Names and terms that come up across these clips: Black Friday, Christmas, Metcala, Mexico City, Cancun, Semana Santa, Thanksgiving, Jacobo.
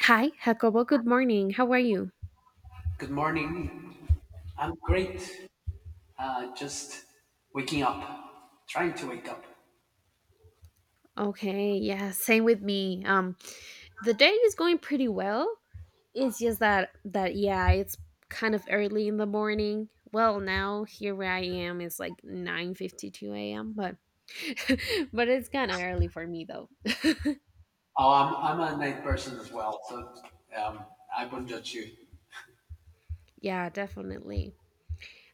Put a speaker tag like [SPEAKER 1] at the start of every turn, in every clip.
[SPEAKER 1] Hi, Jacobo. Good morning. How are you?
[SPEAKER 2] Good morning. I'm great. Just waking up, trying to wake up.
[SPEAKER 1] Okay, yeah, same with me. The day is going pretty well. It's just that yeah, it's kind of early in the morning. Well, now here where I am, it's like 9:52 a.m. But but it's kind of early for me though.
[SPEAKER 2] Oh, I'm a night person as well, so um, I wouldn't judge you.
[SPEAKER 1] Yeah, definitely.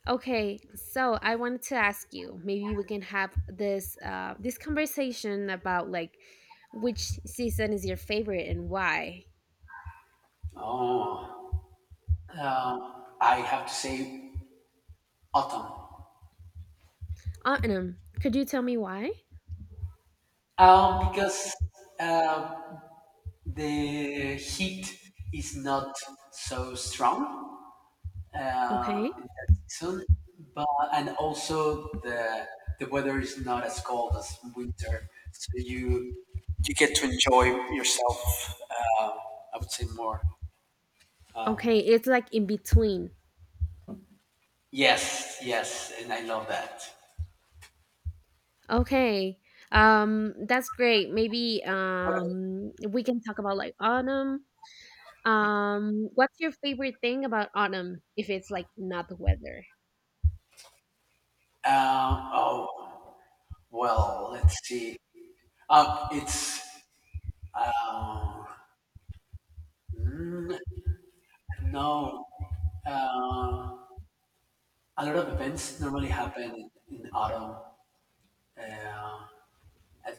[SPEAKER 1] Okay, so I wanted to ask you. Maybe we can have this conversation about like which season is your favorite and why.
[SPEAKER 2] Oh, I have to say autumn.
[SPEAKER 1] Autumn, could you tell me why?
[SPEAKER 2] Because uh, the heat is not so strong
[SPEAKER 1] Okay.
[SPEAKER 2] in that season. But and also the weather is not as cold as winter, so you get to enjoy yourself. Uh, I would say more. Um,
[SPEAKER 1] Okay, it's like in between.
[SPEAKER 2] yes, yes, and I love that.
[SPEAKER 1] Okay. That's great. Maybe
[SPEAKER 2] What? Ab-
[SPEAKER 1] we can talk about like autumn. What's your favorite thing about autumn if it's like not the weather?
[SPEAKER 2] Oh, well, let's see. It's uh, mm, no. Uh, a lot of events normally happen in autumn. Uh, at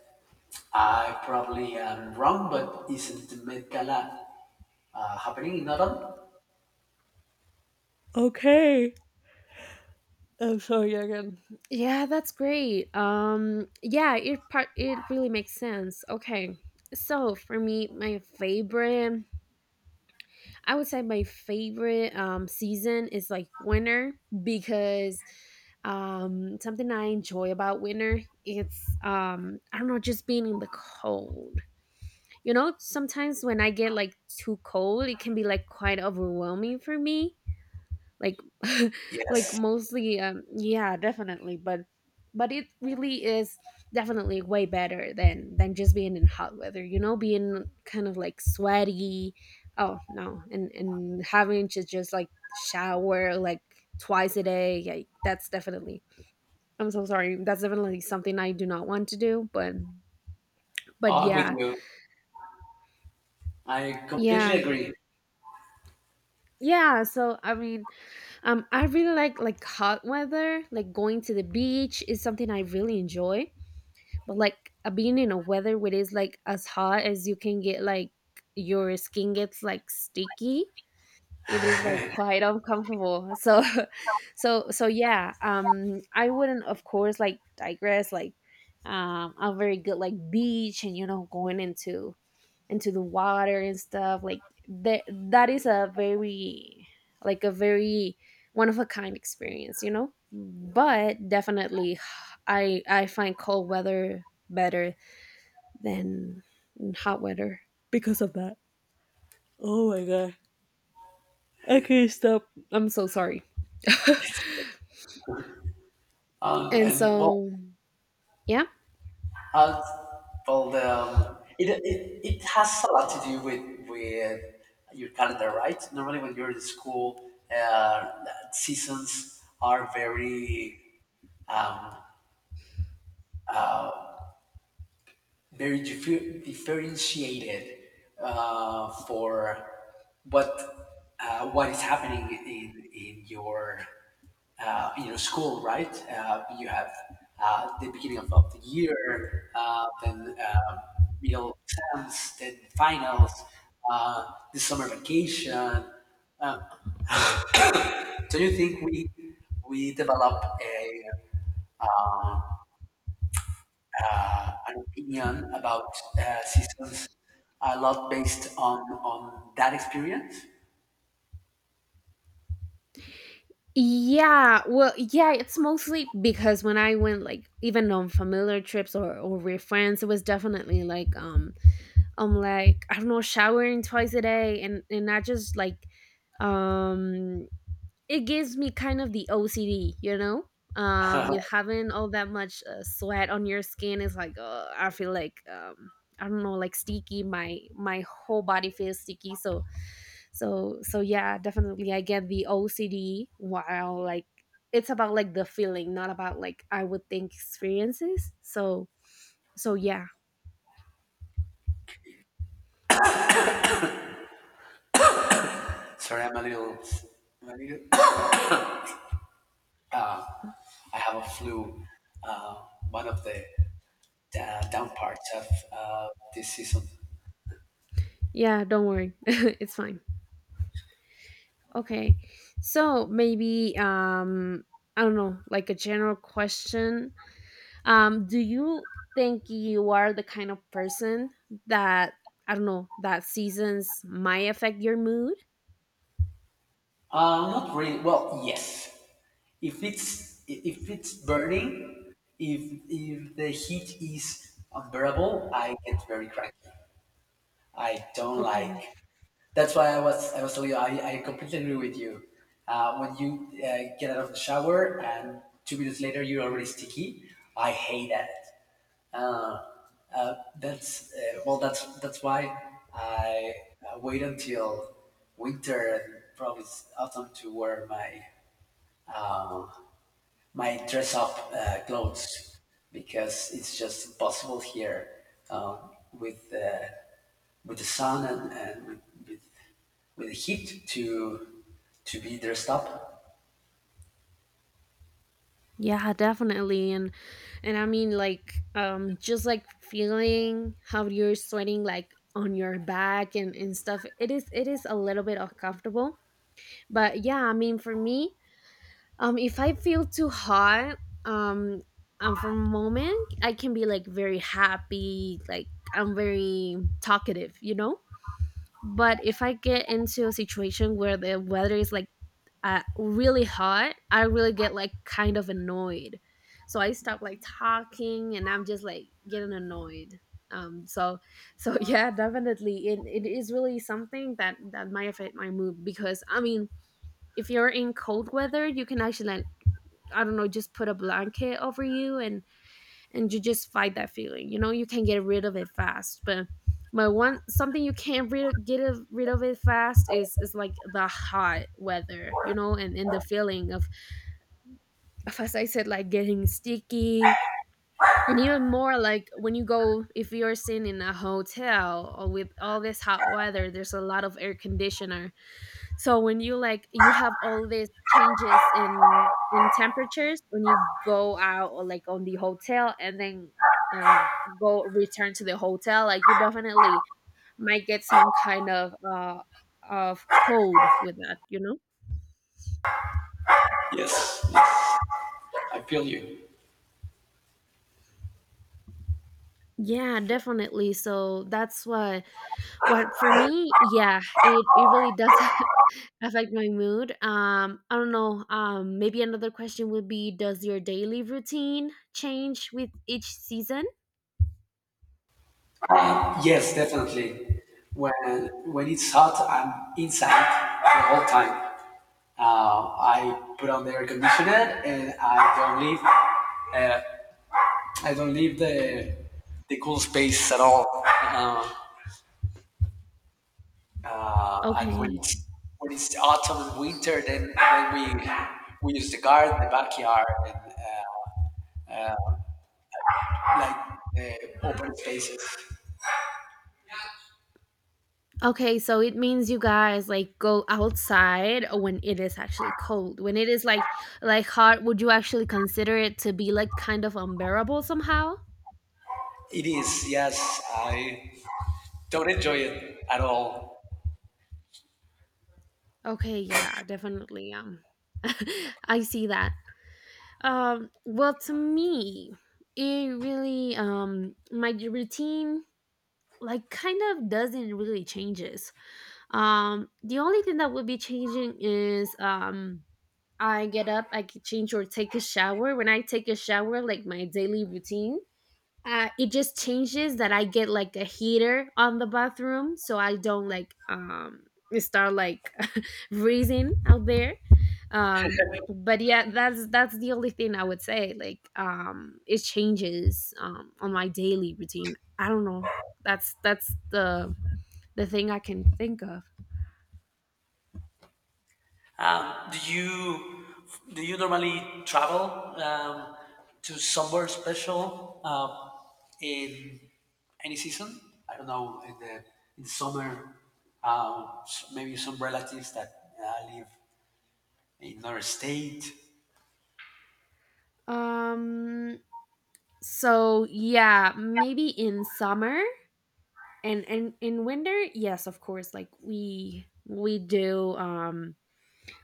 [SPEAKER 2] I probably am wrong, but isn't Metcala happening in autumn?
[SPEAKER 1] Okay. I'm sorry again. Yeah, that's great. Yeah, it really makes sense. Okay. So, for me, my favorite I would say my favorite season is like winter because something I enjoy about winter, it's, I don't know, just being in the cold. You know, sometimes when I get like too cold, it can be like quite overwhelming for me, like like
[SPEAKER 2] Yes,
[SPEAKER 1] mostly yeah, definitely. But it really is definitely way better than just being in hot weather, you know, being kind of like sweaty. Oh no, and having to just like shower like twice a day. Yeah, that's definitely, I'm so sorry, that's definitely something I do not want to do, but
[SPEAKER 2] I'm with
[SPEAKER 1] yeah.
[SPEAKER 2] you. I completely
[SPEAKER 1] Yeah,
[SPEAKER 2] agree.
[SPEAKER 1] yeah, so I mean I really like hot weather, like going to the beach is something I really enjoy, but like being in a weather where it's like as hot as you can get, like your skin gets like sticky, it is like quite uncomfortable. So so yeah, I wouldn't of course like digress, like a very good like beach, and you know, going into the water and stuff like that. That is a very, like a very, one of a kind experience, you know. But definitely I find cold weather better than hot weather because of that. Oh my god, I can't stop, I'm so sorry. And
[SPEAKER 2] And well,
[SPEAKER 1] so yeah.
[SPEAKER 2] uh, well, the, it, it it has a lot to do with your calendar, right? Normally, when you're in school, uh, seasons are very um, very differentiated for what what is happening in your school, right? You have the beginning of the year, then middle exams, then finals, uh, the summer vacation. Uh, do you think we develop a an opinion about seasons a lot based on that experience.
[SPEAKER 1] Yeah, well yeah, it's mostly because when I went, like even on familiar trips, or with friends, it was definitely like I'm like, I don't know, showering twice a day, and I just like um it gives me kind of the OCD, you know? With having all that much sweat on your skin is like, I feel like I don't know, like sticky. My whole body feels sticky. So yeah, definitely I get the OCD. While like it's about like the feeling, not about like I would think experiences. So yeah,
[SPEAKER 2] Sorry, I'm a little I have a flu. Uh, One of the down parts of uh, this season.
[SPEAKER 1] yeah. Don't worry, it's fine. Okay. So maybe I don't know, like a general question. Do you think you are the kind of person that, I don't know, that seasons might affect your mood?
[SPEAKER 2] Not really. Well, yes. If it's burning, if if the heat is unbearable, I get very cranky. I don't
[SPEAKER 1] Okay.
[SPEAKER 2] like. That's why I was telling you I completely agree with you. When you get out of the shower and 2 minutes later you're already sticky, I hate that. Uh, uh, that's that's why I wait until winter and probably s- autumn to wear my um, my dress up clothes because it's just impossible here with. With the sun and with, with the heat to be dressed up.
[SPEAKER 1] Yeah, definitely. And I mean like just like feeling how you're sweating like on your back and stuff. It is a little bit uncomfortable. But yeah, I mean, for me, if I feel too hot, um, for a moment, I can be like very happy, like I'm very talkative, you know. But if I get into a situation where the weather is like, really hot, I really get like kind of annoyed. So I stop like talking, and I'm just like getting annoyed. Um, so, yeah, definitely, it is really something that might affect my mood, because I mean, if you're in cold weather, you can actually like, I don't know, just put a blanket over you, and you just fight that feeling. You know, you can get rid of it fast, but one something you can't rid of it fast is like the hot weather, you know, and the feeling of, as I said, like getting sticky. And even more like when you go, if you're sitting in a hotel or with all this hot weather, there's a lot of air conditioner, so when you like, you have all these changes in temperatures when you go out or like on the hotel and then um go return to the hotel, like you definitely might get some kind of cold with that, you know?
[SPEAKER 2] Yes, I feel you.
[SPEAKER 1] Yeah, definitely. So that's what for me, yeah, it really does affect my mood. I don't know. Maybe another question would be, does your daily routine change with each season?
[SPEAKER 2] Yes, definitely. When it's hot, I'm inside the whole time. I put on the air conditioner and I don't leave. Uh, I don't leave the cool space at all. And
[SPEAKER 1] Okay.
[SPEAKER 2] when it's autumn and winter, then we we use the garden, the backyard, and like uh, open spaces.
[SPEAKER 1] Okay, so it means you guys like go outside when it is actually cold. When it is like hot, would you actually consider it to be like kind of unbearable somehow?
[SPEAKER 2] It is, yes. I don't enjoy it at all.
[SPEAKER 1] Okay, yeah, definitely. I see that. Well, to me, it really my routine like kind of doesn't really changes. The only thing that would be changing is, I get up, I can change or take a shower. When I take a shower, like my daily routine, it just changes that I get like a heater on the bathroom, so I don't like start like freezing out there. But yeah, that's the only thing I would say. Like, it changes on my daily routine. I don't know. That's the thing I can think of.
[SPEAKER 2] Um, do you do you normally travel to somewhere special in any season? I don't know in the in summer, s- maybe some relatives that live in another state.
[SPEAKER 1] Um, so yeah, maybe in summer and in winter, yes of course, like we do,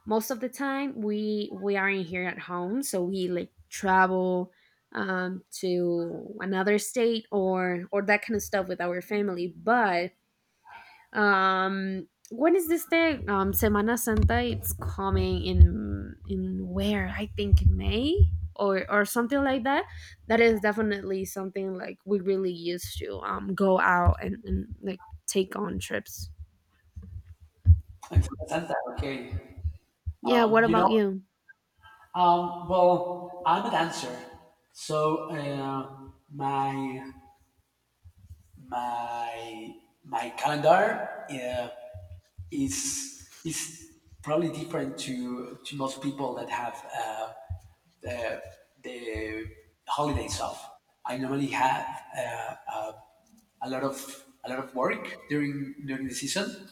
[SPEAKER 1] most of the time we are not here at home, so we like travel to another state or that kind of stuff with our family, but when is this day? Semana Santa. It's coming in where I think May or something like that. That is definitely something like we really used to go out and like take on trips.
[SPEAKER 2] In Semana Santa, okay.
[SPEAKER 1] Yeah. What
[SPEAKER 2] You
[SPEAKER 1] about
[SPEAKER 2] know.
[SPEAKER 1] you?
[SPEAKER 2] Well, I'm a dancer, so my my my calendar is probably different to most people that have the the holidays off. I normally have a lot of work during during the season,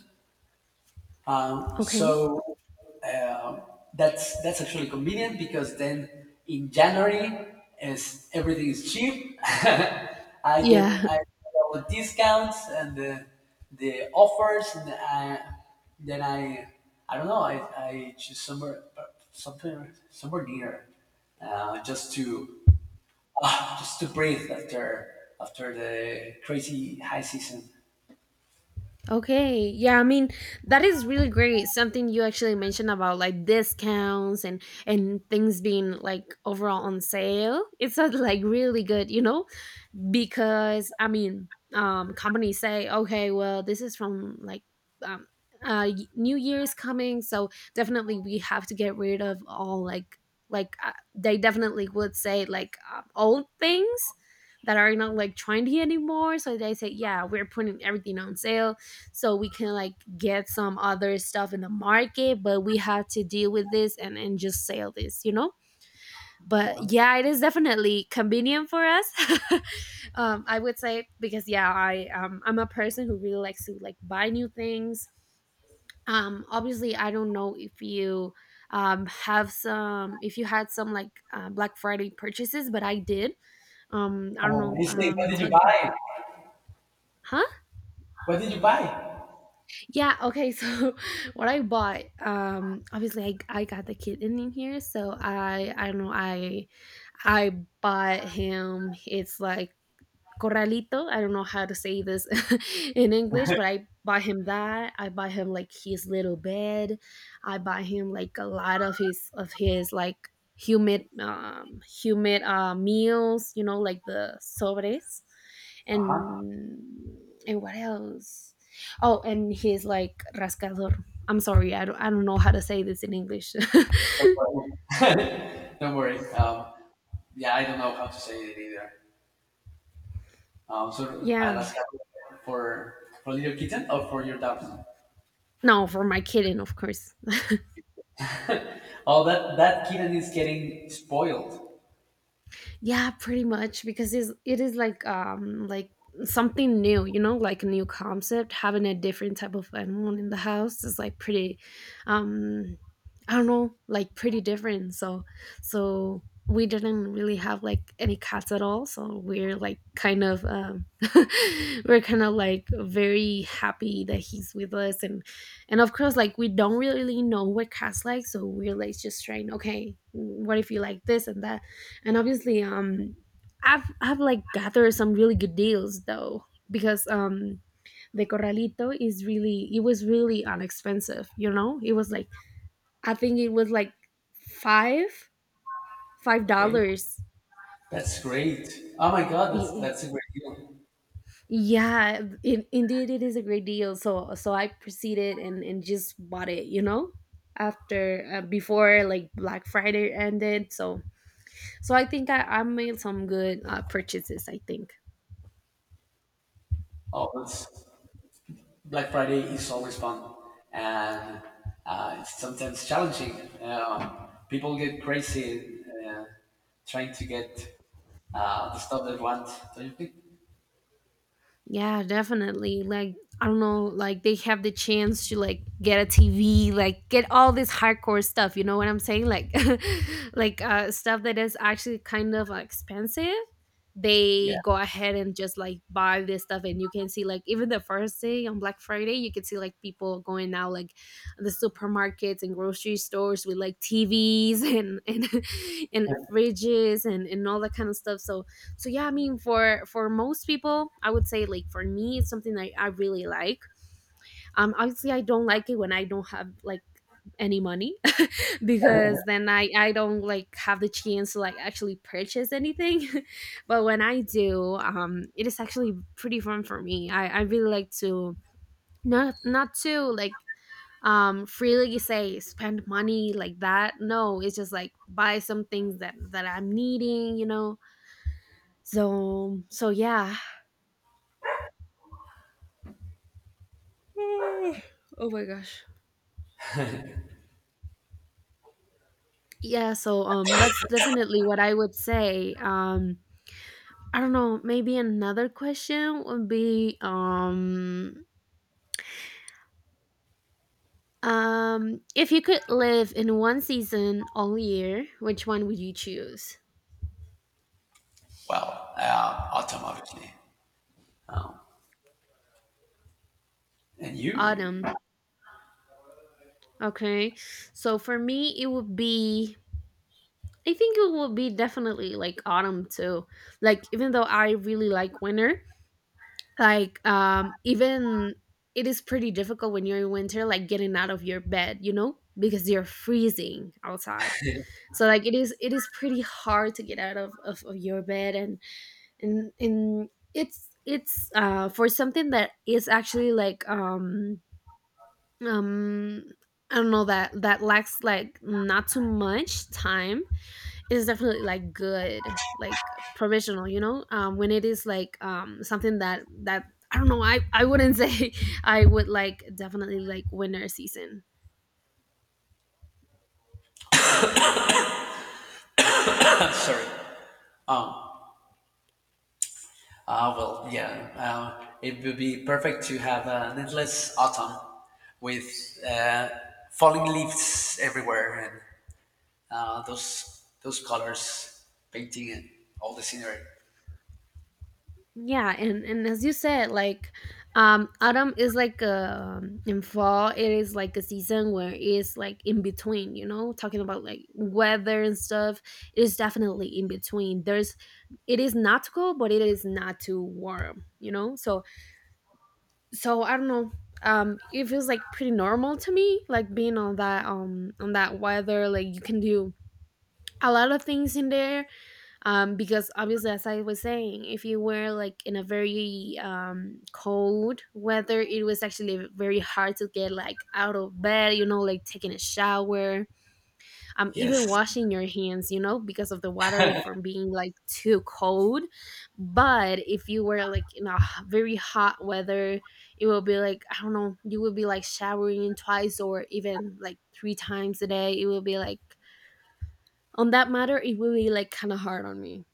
[SPEAKER 1] Okay.
[SPEAKER 2] so uh, that's actually convenient because then in January, as everything is cheap,
[SPEAKER 1] Yeah.
[SPEAKER 2] I get all the discounts and the offers, and then I don't know I choose somewhere something somewhere near just to just to breathe after after the crazy high season.
[SPEAKER 1] Okay. Yeah, I mean, that is really great. Something you actually mentioned about like discounts and things being like overall on sale. It's like really good, you know? Because I mean, companies say, okay, well, this is from like um, New Year is coming, so definitely we have to get rid of all like they definitely would say like old things that are not like trendy anymore. So they say, yeah, we're putting everything on sale, so we can like get some other stuff in the market, but we have to deal with this and just sell this, you know, but
[SPEAKER 2] Yeah.
[SPEAKER 1] yeah, it is definitely convenient for us. I would say because yeah, I'm a person who really likes to like buy new things. Obviously I don't know if you have some if you had some like black friday purchases, but I did. I don't know,
[SPEAKER 2] Lindsay, what did you
[SPEAKER 1] talk.
[SPEAKER 2] buy?
[SPEAKER 1] Huh?
[SPEAKER 2] What did you buy?
[SPEAKER 1] Yeah, okay. So what I bought, obviously I got the kitten in here, so I don't know, I bought him, it's like Corralito. I don't know how to say this in English, but I buy him that. I buy him like his little bed. I buy him like a lot of his like humid meals, you know, like the sobres
[SPEAKER 2] Uh-huh.
[SPEAKER 1] and and what else? Oh, and his like rascador. I'm sorry, I don't know how to say this in English.
[SPEAKER 2] Don't worry. Don't worry. Yeah, I don't know how to say it either. So I'll
[SPEAKER 1] Yeah.
[SPEAKER 2] ask for for little kitten or for your dogs.
[SPEAKER 1] No, for my kitten, of course.
[SPEAKER 2] Oh, that that kitten is getting spoiled.
[SPEAKER 1] Yeah, pretty much because it is like something new, you know, like a new concept. Having a different type of animal in the house is like pretty, um, I don't know, like pretty different. So we didn't really have like any cats at all. So we're like kind of, we're kind of like very happy that he's with us, and of course, like we don't really know what cats like, so we're like just trying, okay, what if you like this and that, and obviously I've like gathered some really good deals though, because the corralito is really it was really inexpensive. You know, it was like, I think it was like five five
[SPEAKER 2] Okay,
[SPEAKER 1] dollars.
[SPEAKER 2] that's great. Oh my God,
[SPEAKER 1] Ye-
[SPEAKER 2] that's a great deal.
[SPEAKER 1] yeah, indeed it is a great deal, so I proceeded and just bought it, you know, after before like black friday ended, so I think I made some good purchases, I think.
[SPEAKER 2] Oh, that's Black Friday is always fun, and it's sometimes challenging. People get crazy uh, trying to get the stuff they want. Don't you think?
[SPEAKER 1] Yeah, definitely. Like I don't know, like they have the chance to like get a TV, like get all this hardcore stuff. You know what I'm saying? Like, like stuff that is actually kind of expensive. They
[SPEAKER 2] Yeah.
[SPEAKER 1] go ahead and just like buy this stuff, and you can see like even the first day on Black Friday, you can see like people going out like the supermarkets and grocery stores with like TVs and and fridges and all that kind of stuff. So yeah, I mean, for most people I would say, like for me it's something that I really like. Obviously I don't like it when I don't have like any money, because then I don't like have the chance to like actually purchase anything. But when I do, it is actually pretty fun for me. I really like to not to like freely say spend money like that. No, it's just like buy some things that I'm needing, you know. So yeah. Oh oh my gosh. Yeah, so that's definitely what I would say. I don't know, maybe another question would be if you could live in one season all year, which one would you choose?
[SPEAKER 2] Well, autumn, obviously. Um, and you?
[SPEAKER 1] Autumn. Okay. So for me it would be, I think it would be definitely like autumn too. Like even though I really like winter, like even it is pretty difficult when you're in winter, like getting out of your bed, you know, because you're freezing outside. So like it is pretty hard to get out of, your bed. And And it's for something that is actually like um I don't know, that lacks like not too much time is definitely like good, like provisional, you know. When it is like, something that I don't know. I wouldn't say I would like definitely like winter season.
[SPEAKER 2] Sorry. Um, well, yeah. It would be perfect to have an endless autumn with falling leaves everywhere and those colors painting and all the scenery.
[SPEAKER 1] Yeah, and as you said, like autumn is like, in fall, it is like a season where it's like in between, you know, talking about like weather and stuff. It is definitely in between. There's, it is not too cold, but it is not too warm, you know. So I don't know. It feels like pretty normal to me, like being on that, on that weather. Like you can do a lot of things in there. Because obviously, as I was saying, if you were like in a very cold weather, it was actually very hard to get like out of bed. You know, like taking a shower, even
[SPEAKER 2] Yes.
[SPEAKER 1] washing your hands, you know, because of the water from being like too cold. But if you were like in a very hot weather, it will be like, I don't know, you would be like showering twice or even like three times a day. It will be like, on that matter, it will be like kind of hard on me.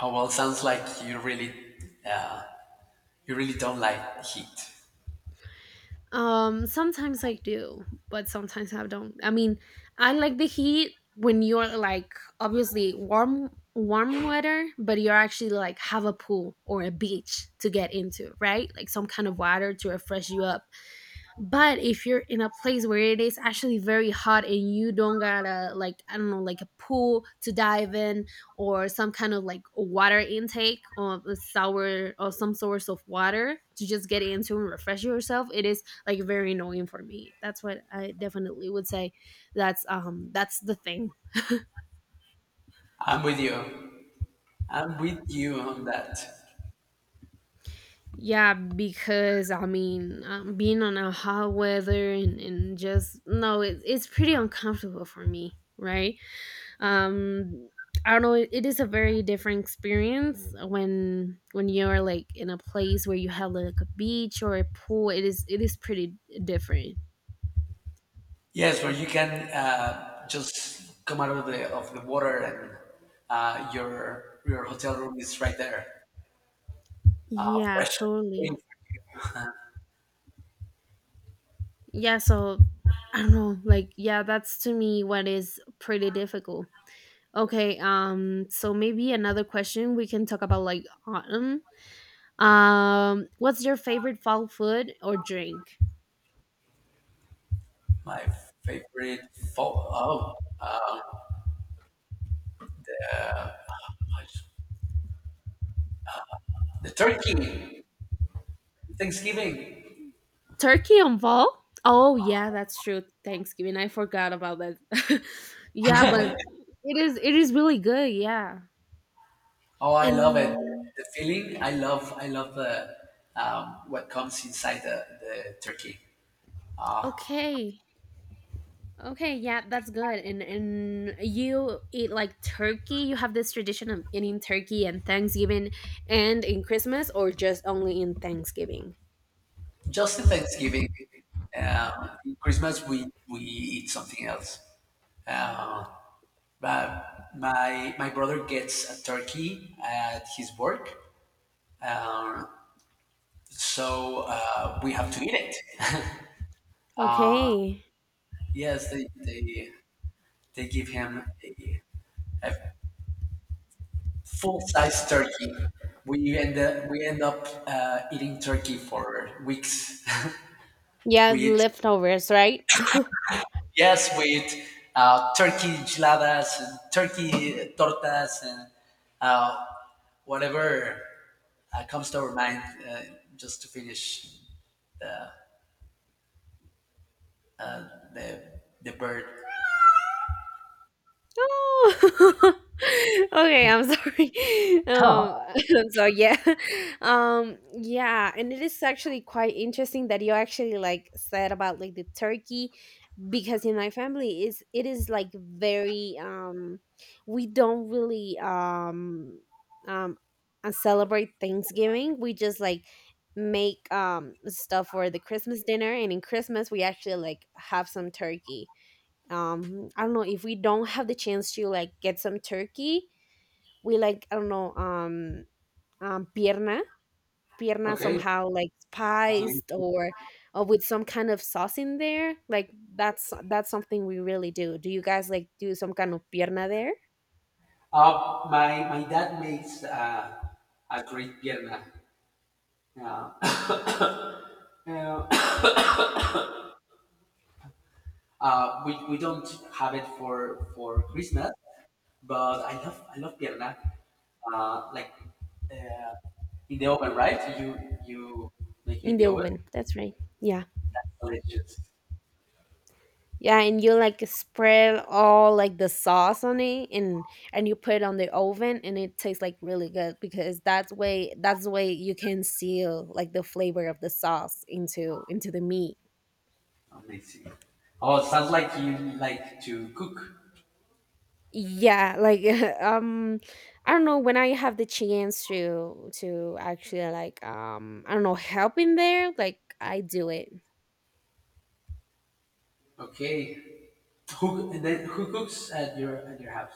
[SPEAKER 2] Oh well, sounds like uh, you really don't like heat.
[SPEAKER 1] Sometimes I do, but sometimes I don't. I mean, I like the heat when you're like obviously warm weather, but you're actually like have a pool or a beach to get into, right? Like some kind of water to refresh you up. But if you're in a place where it is actually very hot and you don't got a like, I don't know, like a pool to dive in, or some kind of like water intake or a sour or some source of water to just get into and refresh yourself, it is like very annoying for me. That's what I definitely would say. That's that's the thing.
[SPEAKER 2] I'm with you. I'm with you on that.
[SPEAKER 1] Yeah, because I mean, being on a hot weather, and just no, it's pretty uncomfortable for me, right? um I don't know, it is a very different experience when you're like in a place where you have like a beach or a pool. It is pretty different.
[SPEAKER 2] Yes, where you can just come out of the water and your hotel room is right there,
[SPEAKER 1] Yeah,
[SPEAKER 2] fresh.
[SPEAKER 1] totally. Yeah, so I don't know, like, yeah, that's to me what is pretty difficult. Okay, so maybe another question we can talk about, like autumn, what's your favorite fall food or drink?
[SPEAKER 2] My favorite oh, gosh. The turkey. Thanksgiving.
[SPEAKER 1] Turkey on fall? Oh yeah, that's true. Thanksgiving. I forgot about that. Yeah, but it is really good, yeah.
[SPEAKER 2] Oh, I love it.
[SPEAKER 1] And
[SPEAKER 2] The feeling. I love. I love the what comes inside the turkey.
[SPEAKER 1] okay. Okay, yeah, that's good. And you eat like turkey. You have this tradition of eating turkey and Thanksgiving and in Christmas, or just only in Thanksgiving?
[SPEAKER 2] Just in Thanksgiving, Christmas we eat something else. Uh, But my brother gets a turkey at his work, uh, so we have to eat it.
[SPEAKER 1] Okay.
[SPEAKER 2] yes, they, they give him a full size turkey. We end up eating turkey for weeks.
[SPEAKER 1] Yeah,
[SPEAKER 2] we eat
[SPEAKER 1] leftovers, right?
[SPEAKER 2] yes, we eat turkey enchiladas, and turkey tortas and uh, whatever comes to our mind uh, just to finish the the bird.
[SPEAKER 1] Oh. Okay, I'm sorry. Um, I'm sorry. Yeah. Yeah, and it is actually quite interesting that you actually like said about like the turkey, because in my family is, it is like very we don't really um celebrate Thanksgiving. We just like make stuff for the Christmas dinner, and in Christmas we actually like have some turkey. I don't know, if we don't have the chance to like get some turkey, we like, I don't know, um pierna pierna
[SPEAKER 2] Okay.
[SPEAKER 1] somehow like
[SPEAKER 2] Lovely.
[SPEAKER 1] spiced, or with some kind of sauce in there. Like that's something we really do. Do you guys like do some kind of pierna there?
[SPEAKER 2] My my dad makes a great pierna. Uh, uh, we don't have it for Christmas, but I love pierna. Like uh, in the oven, right? You make it
[SPEAKER 1] In
[SPEAKER 2] in
[SPEAKER 1] the
[SPEAKER 2] the oven.
[SPEAKER 1] oven, that's right. Yeah.
[SPEAKER 2] That's delicious.
[SPEAKER 1] Yeah, and you like spread all like the sauce on it, and you put it on the oven, and it tastes like really good, because that's way, that's the way you can seal like the flavor of the sauce into the meat.
[SPEAKER 2] Amazing. Oh, sounds like you like to cook.
[SPEAKER 1] Yeah, like um I don't know, when I have the chance to actually like, I don't know, help in there, like I do it.
[SPEAKER 2] Okay. Who and then who cooks at your house?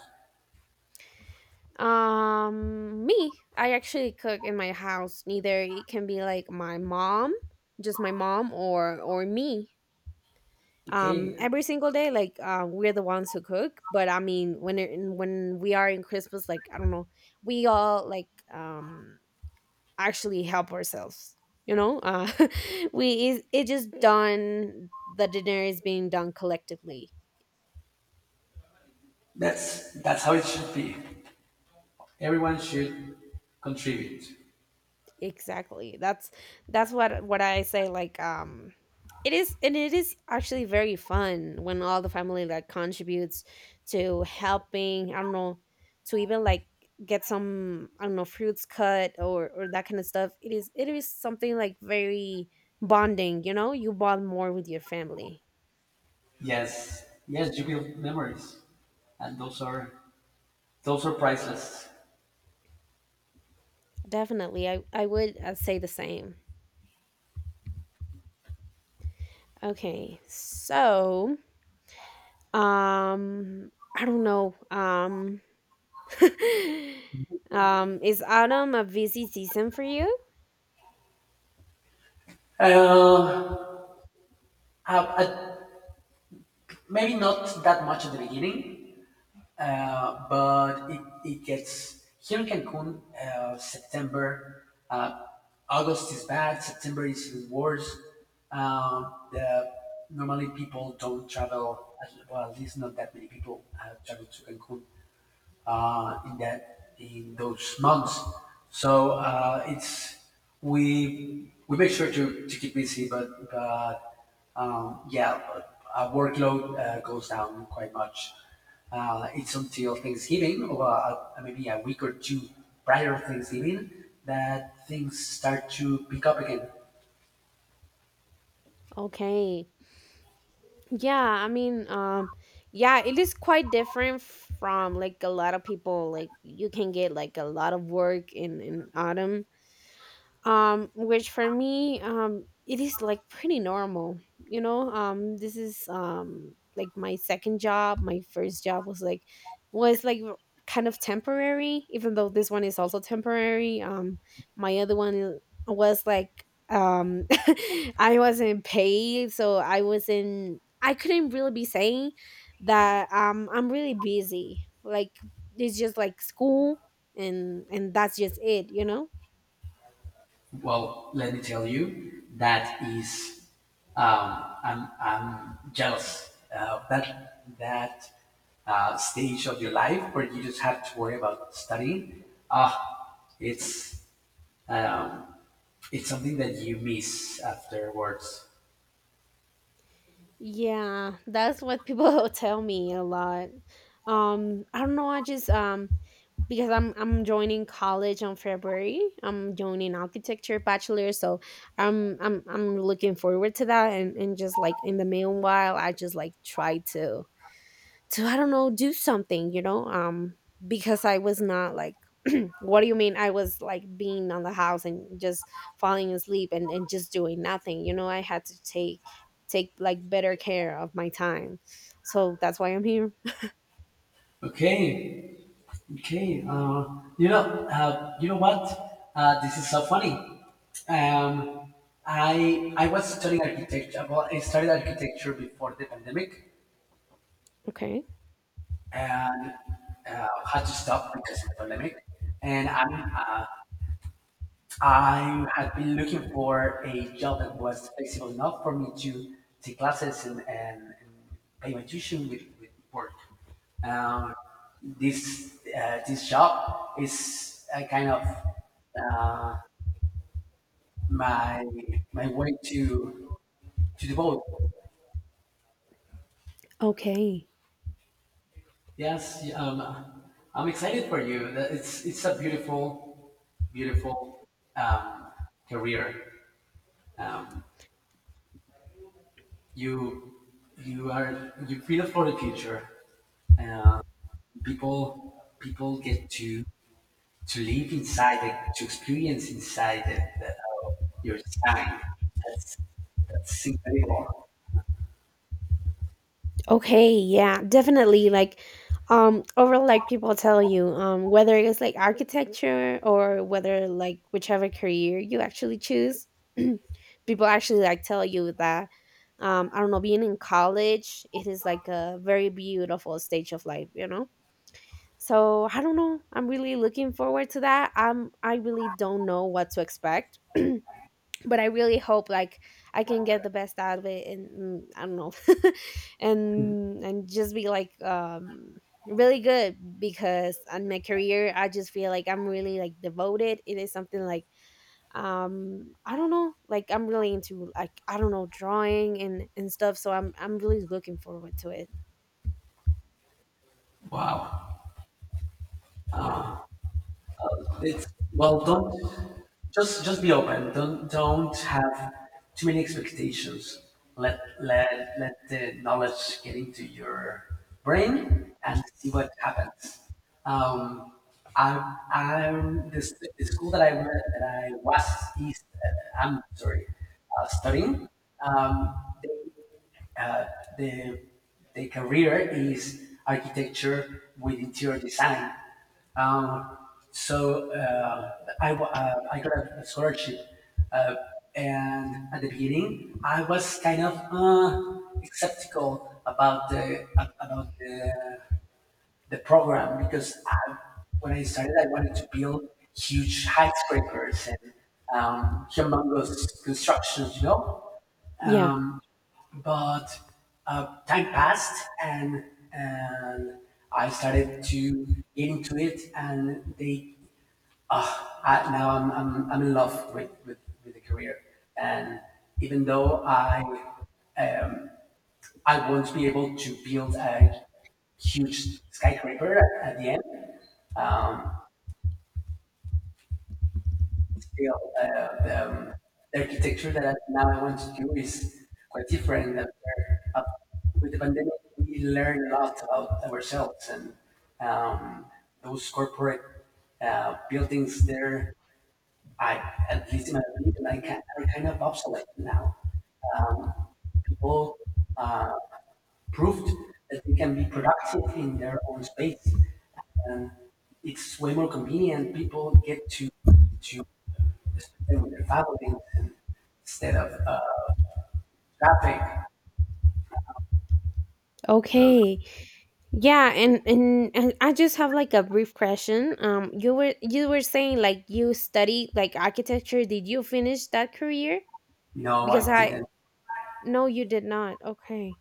[SPEAKER 1] Me. I actually cook in my house. Neither it can be like my mom, just my mom, or me.
[SPEAKER 2] Okay,
[SPEAKER 1] Every single day, like we're the ones who cook. But I mean, when we are in Christmas, like I don't know, we all like actually help ourselves. You know, we, it just done. The dinner is being done collectively.
[SPEAKER 2] that's how it should be. Everyone should contribute.
[SPEAKER 1] Exactly. That's what I say, like, it is, and it is actually very fun when all the family like contributes to helping, I don't know, to even like get some, I don't know, fruits cut or that kind of stuff. It is something like very bonding, you know? You bond more with your family.
[SPEAKER 2] Yes, yes, you build memories, and those are priceless.
[SPEAKER 1] Definitely. I would, say the same. Okay. So, um I don't know. Is autumn a busy season for you?
[SPEAKER 2] Uh, uh, uh, Maybe not that much at the beginning, but it gets here in Cancun. September, uh, August is bad. September is even worse. The, normally people don't travel. Well, at least not that many people travel to Cancun in that in those months. So it's we make sure to keep busy, but yeah, our workload goes down quite much. It's until Thanksgiving, or maybe a week or two prior to Thanksgiving, that things start to pick up again.
[SPEAKER 1] Okay. Yeah, I mean, yeah, it is quite different from like a lot of people. Like you can get like a lot of work in autumn, which for me, it is like pretty normal, you know. This is, like my second job. My first job was like, was like r- kind of temporary. Even though this one is also temporary, my other one was like, I wasn't paid, so I wasn't, I couldn't really be saying that, I'm really busy, like, it's just like school, and that's just it, you know.
[SPEAKER 2] Well, let me tell you, that is, I'm jealous of that that stage of your life where you just have to worry about studying, ah, um, it's something that you miss afterwards.
[SPEAKER 1] Yeah, that's what people tell me a lot. I don't know. I just because I'm joining college on February. I'm joining architecture bachelor, so I'm looking forward to that. And just like in the meanwhile, I just like try to I don't know, do something, you know? Um, because I was not like, what do you mean, I was like being on the house and just falling asleep, and just doing nothing. You know, I had to take like better care of my time. So that's why I'm here.
[SPEAKER 2] Okay, okay. You know, you know what? This is so funny. Um, I was studying architecture. Well, I studied architecture before the pandemic,
[SPEAKER 1] Okay.
[SPEAKER 2] and had to stop because of the pandemic. And I had been looking for a job that was flexible enough for me to take classes and pay my tuition with work. Um, this this job is a kind of uh, my my way to devote.
[SPEAKER 1] Okay.
[SPEAKER 2] Yes, I'm excited for you. That- it's a beautiful, beautiful um, career. Um, you you are you feel for the future. Uh, People people get to live inside the, to experience inside the, the your design. That's that's incredible.
[SPEAKER 1] Okay, yeah, definitely. Like, overall, like people tell you, whether it's like architecture or whether like whichever career you actually choose, people actually like tell you that, I don't know, being in college, it is like a very beautiful stage of life, you know? So I don't know, I'm really looking forward to that. I really don't know what to expect. But I really hope like I can get the best out of it, and mm, I don't know. And just be like, really good, because on my career I just feel like I'm really like devoted. It is something like, I don't know, like I'm really into, like, I don't know, drawing and stuff, so I'm really looking forward to it.
[SPEAKER 2] Wow. It's well, don't just be open. Don't have too many expectations. Let let let the knowledge get into your brain and see what happens. Um, I I'm the, s- the school that I went that I was is I'm sorry studying. Um, uh, the the career is architecture with interior design. Um, so I got a scholarship, uh, and at the beginning I was kind of skeptical about the program because I, when I started I wanted to build huge skyscrapers and humongous constructions, you know.
[SPEAKER 1] Yeah,
[SPEAKER 2] Um, but time passed and I started to get into it and they ah now I'm I'm in love with, with the career and even though um, I won't be able to build a huge skyscraper at the end um, you know, the architecture that I now I want to do is quite different. Than where, with the pandemic, we learned a lot about ourselves and um, those corporate buildings there. I, at least in my opinion, I can, are kind of obsolete now. Um, people uh, proved that they can be productive in their own space, and it's way more convenient. People get to just doing their family instead of traffic. So
[SPEAKER 1] okay. Yeah, and, and I just have like a brief question. You were saying like you studied like architecture. Did you finish that career?
[SPEAKER 2] no,
[SPEAKER 1] Because
[SPEAKER 2] I
[SPEAKER 1] I
[SPEAKER 2] didn't.
[SPEAKER 1] no, you did not. Okay.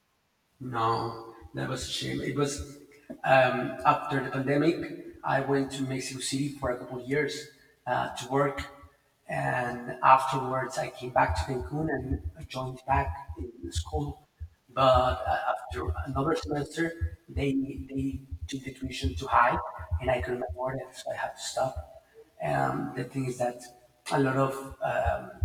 [SPEAKER 2] No, that was a shame. It was after the pandemic. I went to Mexico City for a couple of years to work, and afterwards I came back to Cancun and I joined back in school. But after another semester, they took the tuition too high, and I couldn't afford it, so I had to stop. The thing is that a lot of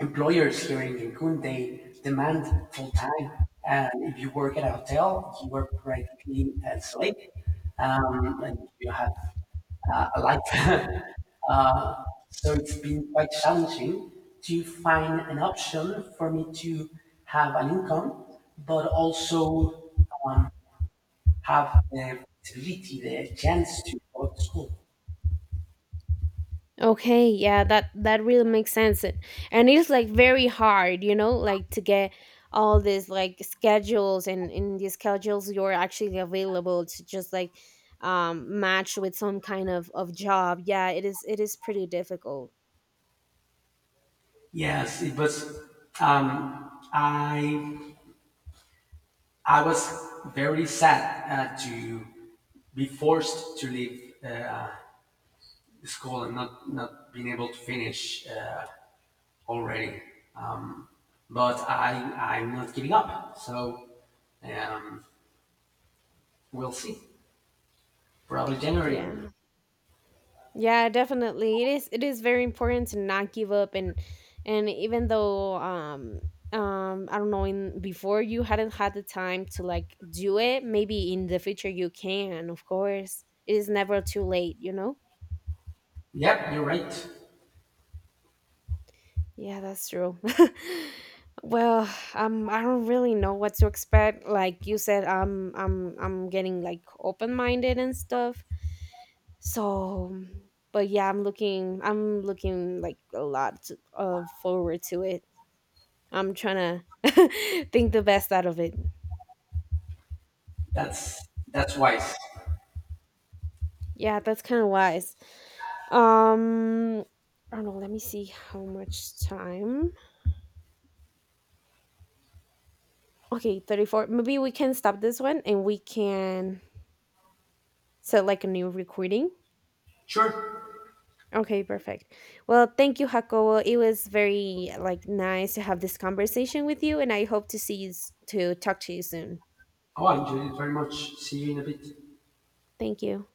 [SPEAKER 2] employers here in Cancun, they demand full time. And if you work at a hotel, you work practically a slave, and you have a life. uh, so it's been quite challenging to find an option for me to have an income, but also um, have the flexibility, the chance to go to school.
[SPEAKER 1] Okay, yeah, that that really makes sense. And it's like very hard, you know, like to get all these like schedules, and in these schedules you're actually available to just like, match with some kind of job. Yeah, it is pretty difficult.
[SPEAKER 2] Yes, it was. Um, I I was very sad to be forced to leave school and not, not being able to finish already. Um, but I, I'm not giving up. So um, we'll see. Probably January.
[SPEAKER 1] Yeah. Yeah, definitely. It is very important to not give up. And even though, I don't know, in before, you hadn't had the time to like do it, maybe in the future you can, of course. It is never too late, you know?
[SPEAKER 2] Yep, you're right.
[SPEAKER 1] Yeah, that's true. Well, I don't really know what to expect. Like you said, I'm getting like open minded and stuff. So, but yeah, I'm looking like a lot to, forward to it. I'm trying to think the best out of it.
[SPEAKER 2] That's wise.
[SPEAKER 1] Yeah, that's kind of wise. Um, I don't know. Let me see how much time. Okay, 34. Maybe we can stop this one, and we can set like a new recording.
[SPEAKER 2] Sure.
[SPEAKER 1] Okay, perfect. Well, thank you, Jacobo. It was very like nice to have this conversation with you, and I hope to see you to talk to you soon.
[SPEAKER 2] Oh, I enjoyed it very much. See you in a bit.
[SPEAKER 1] Thank you.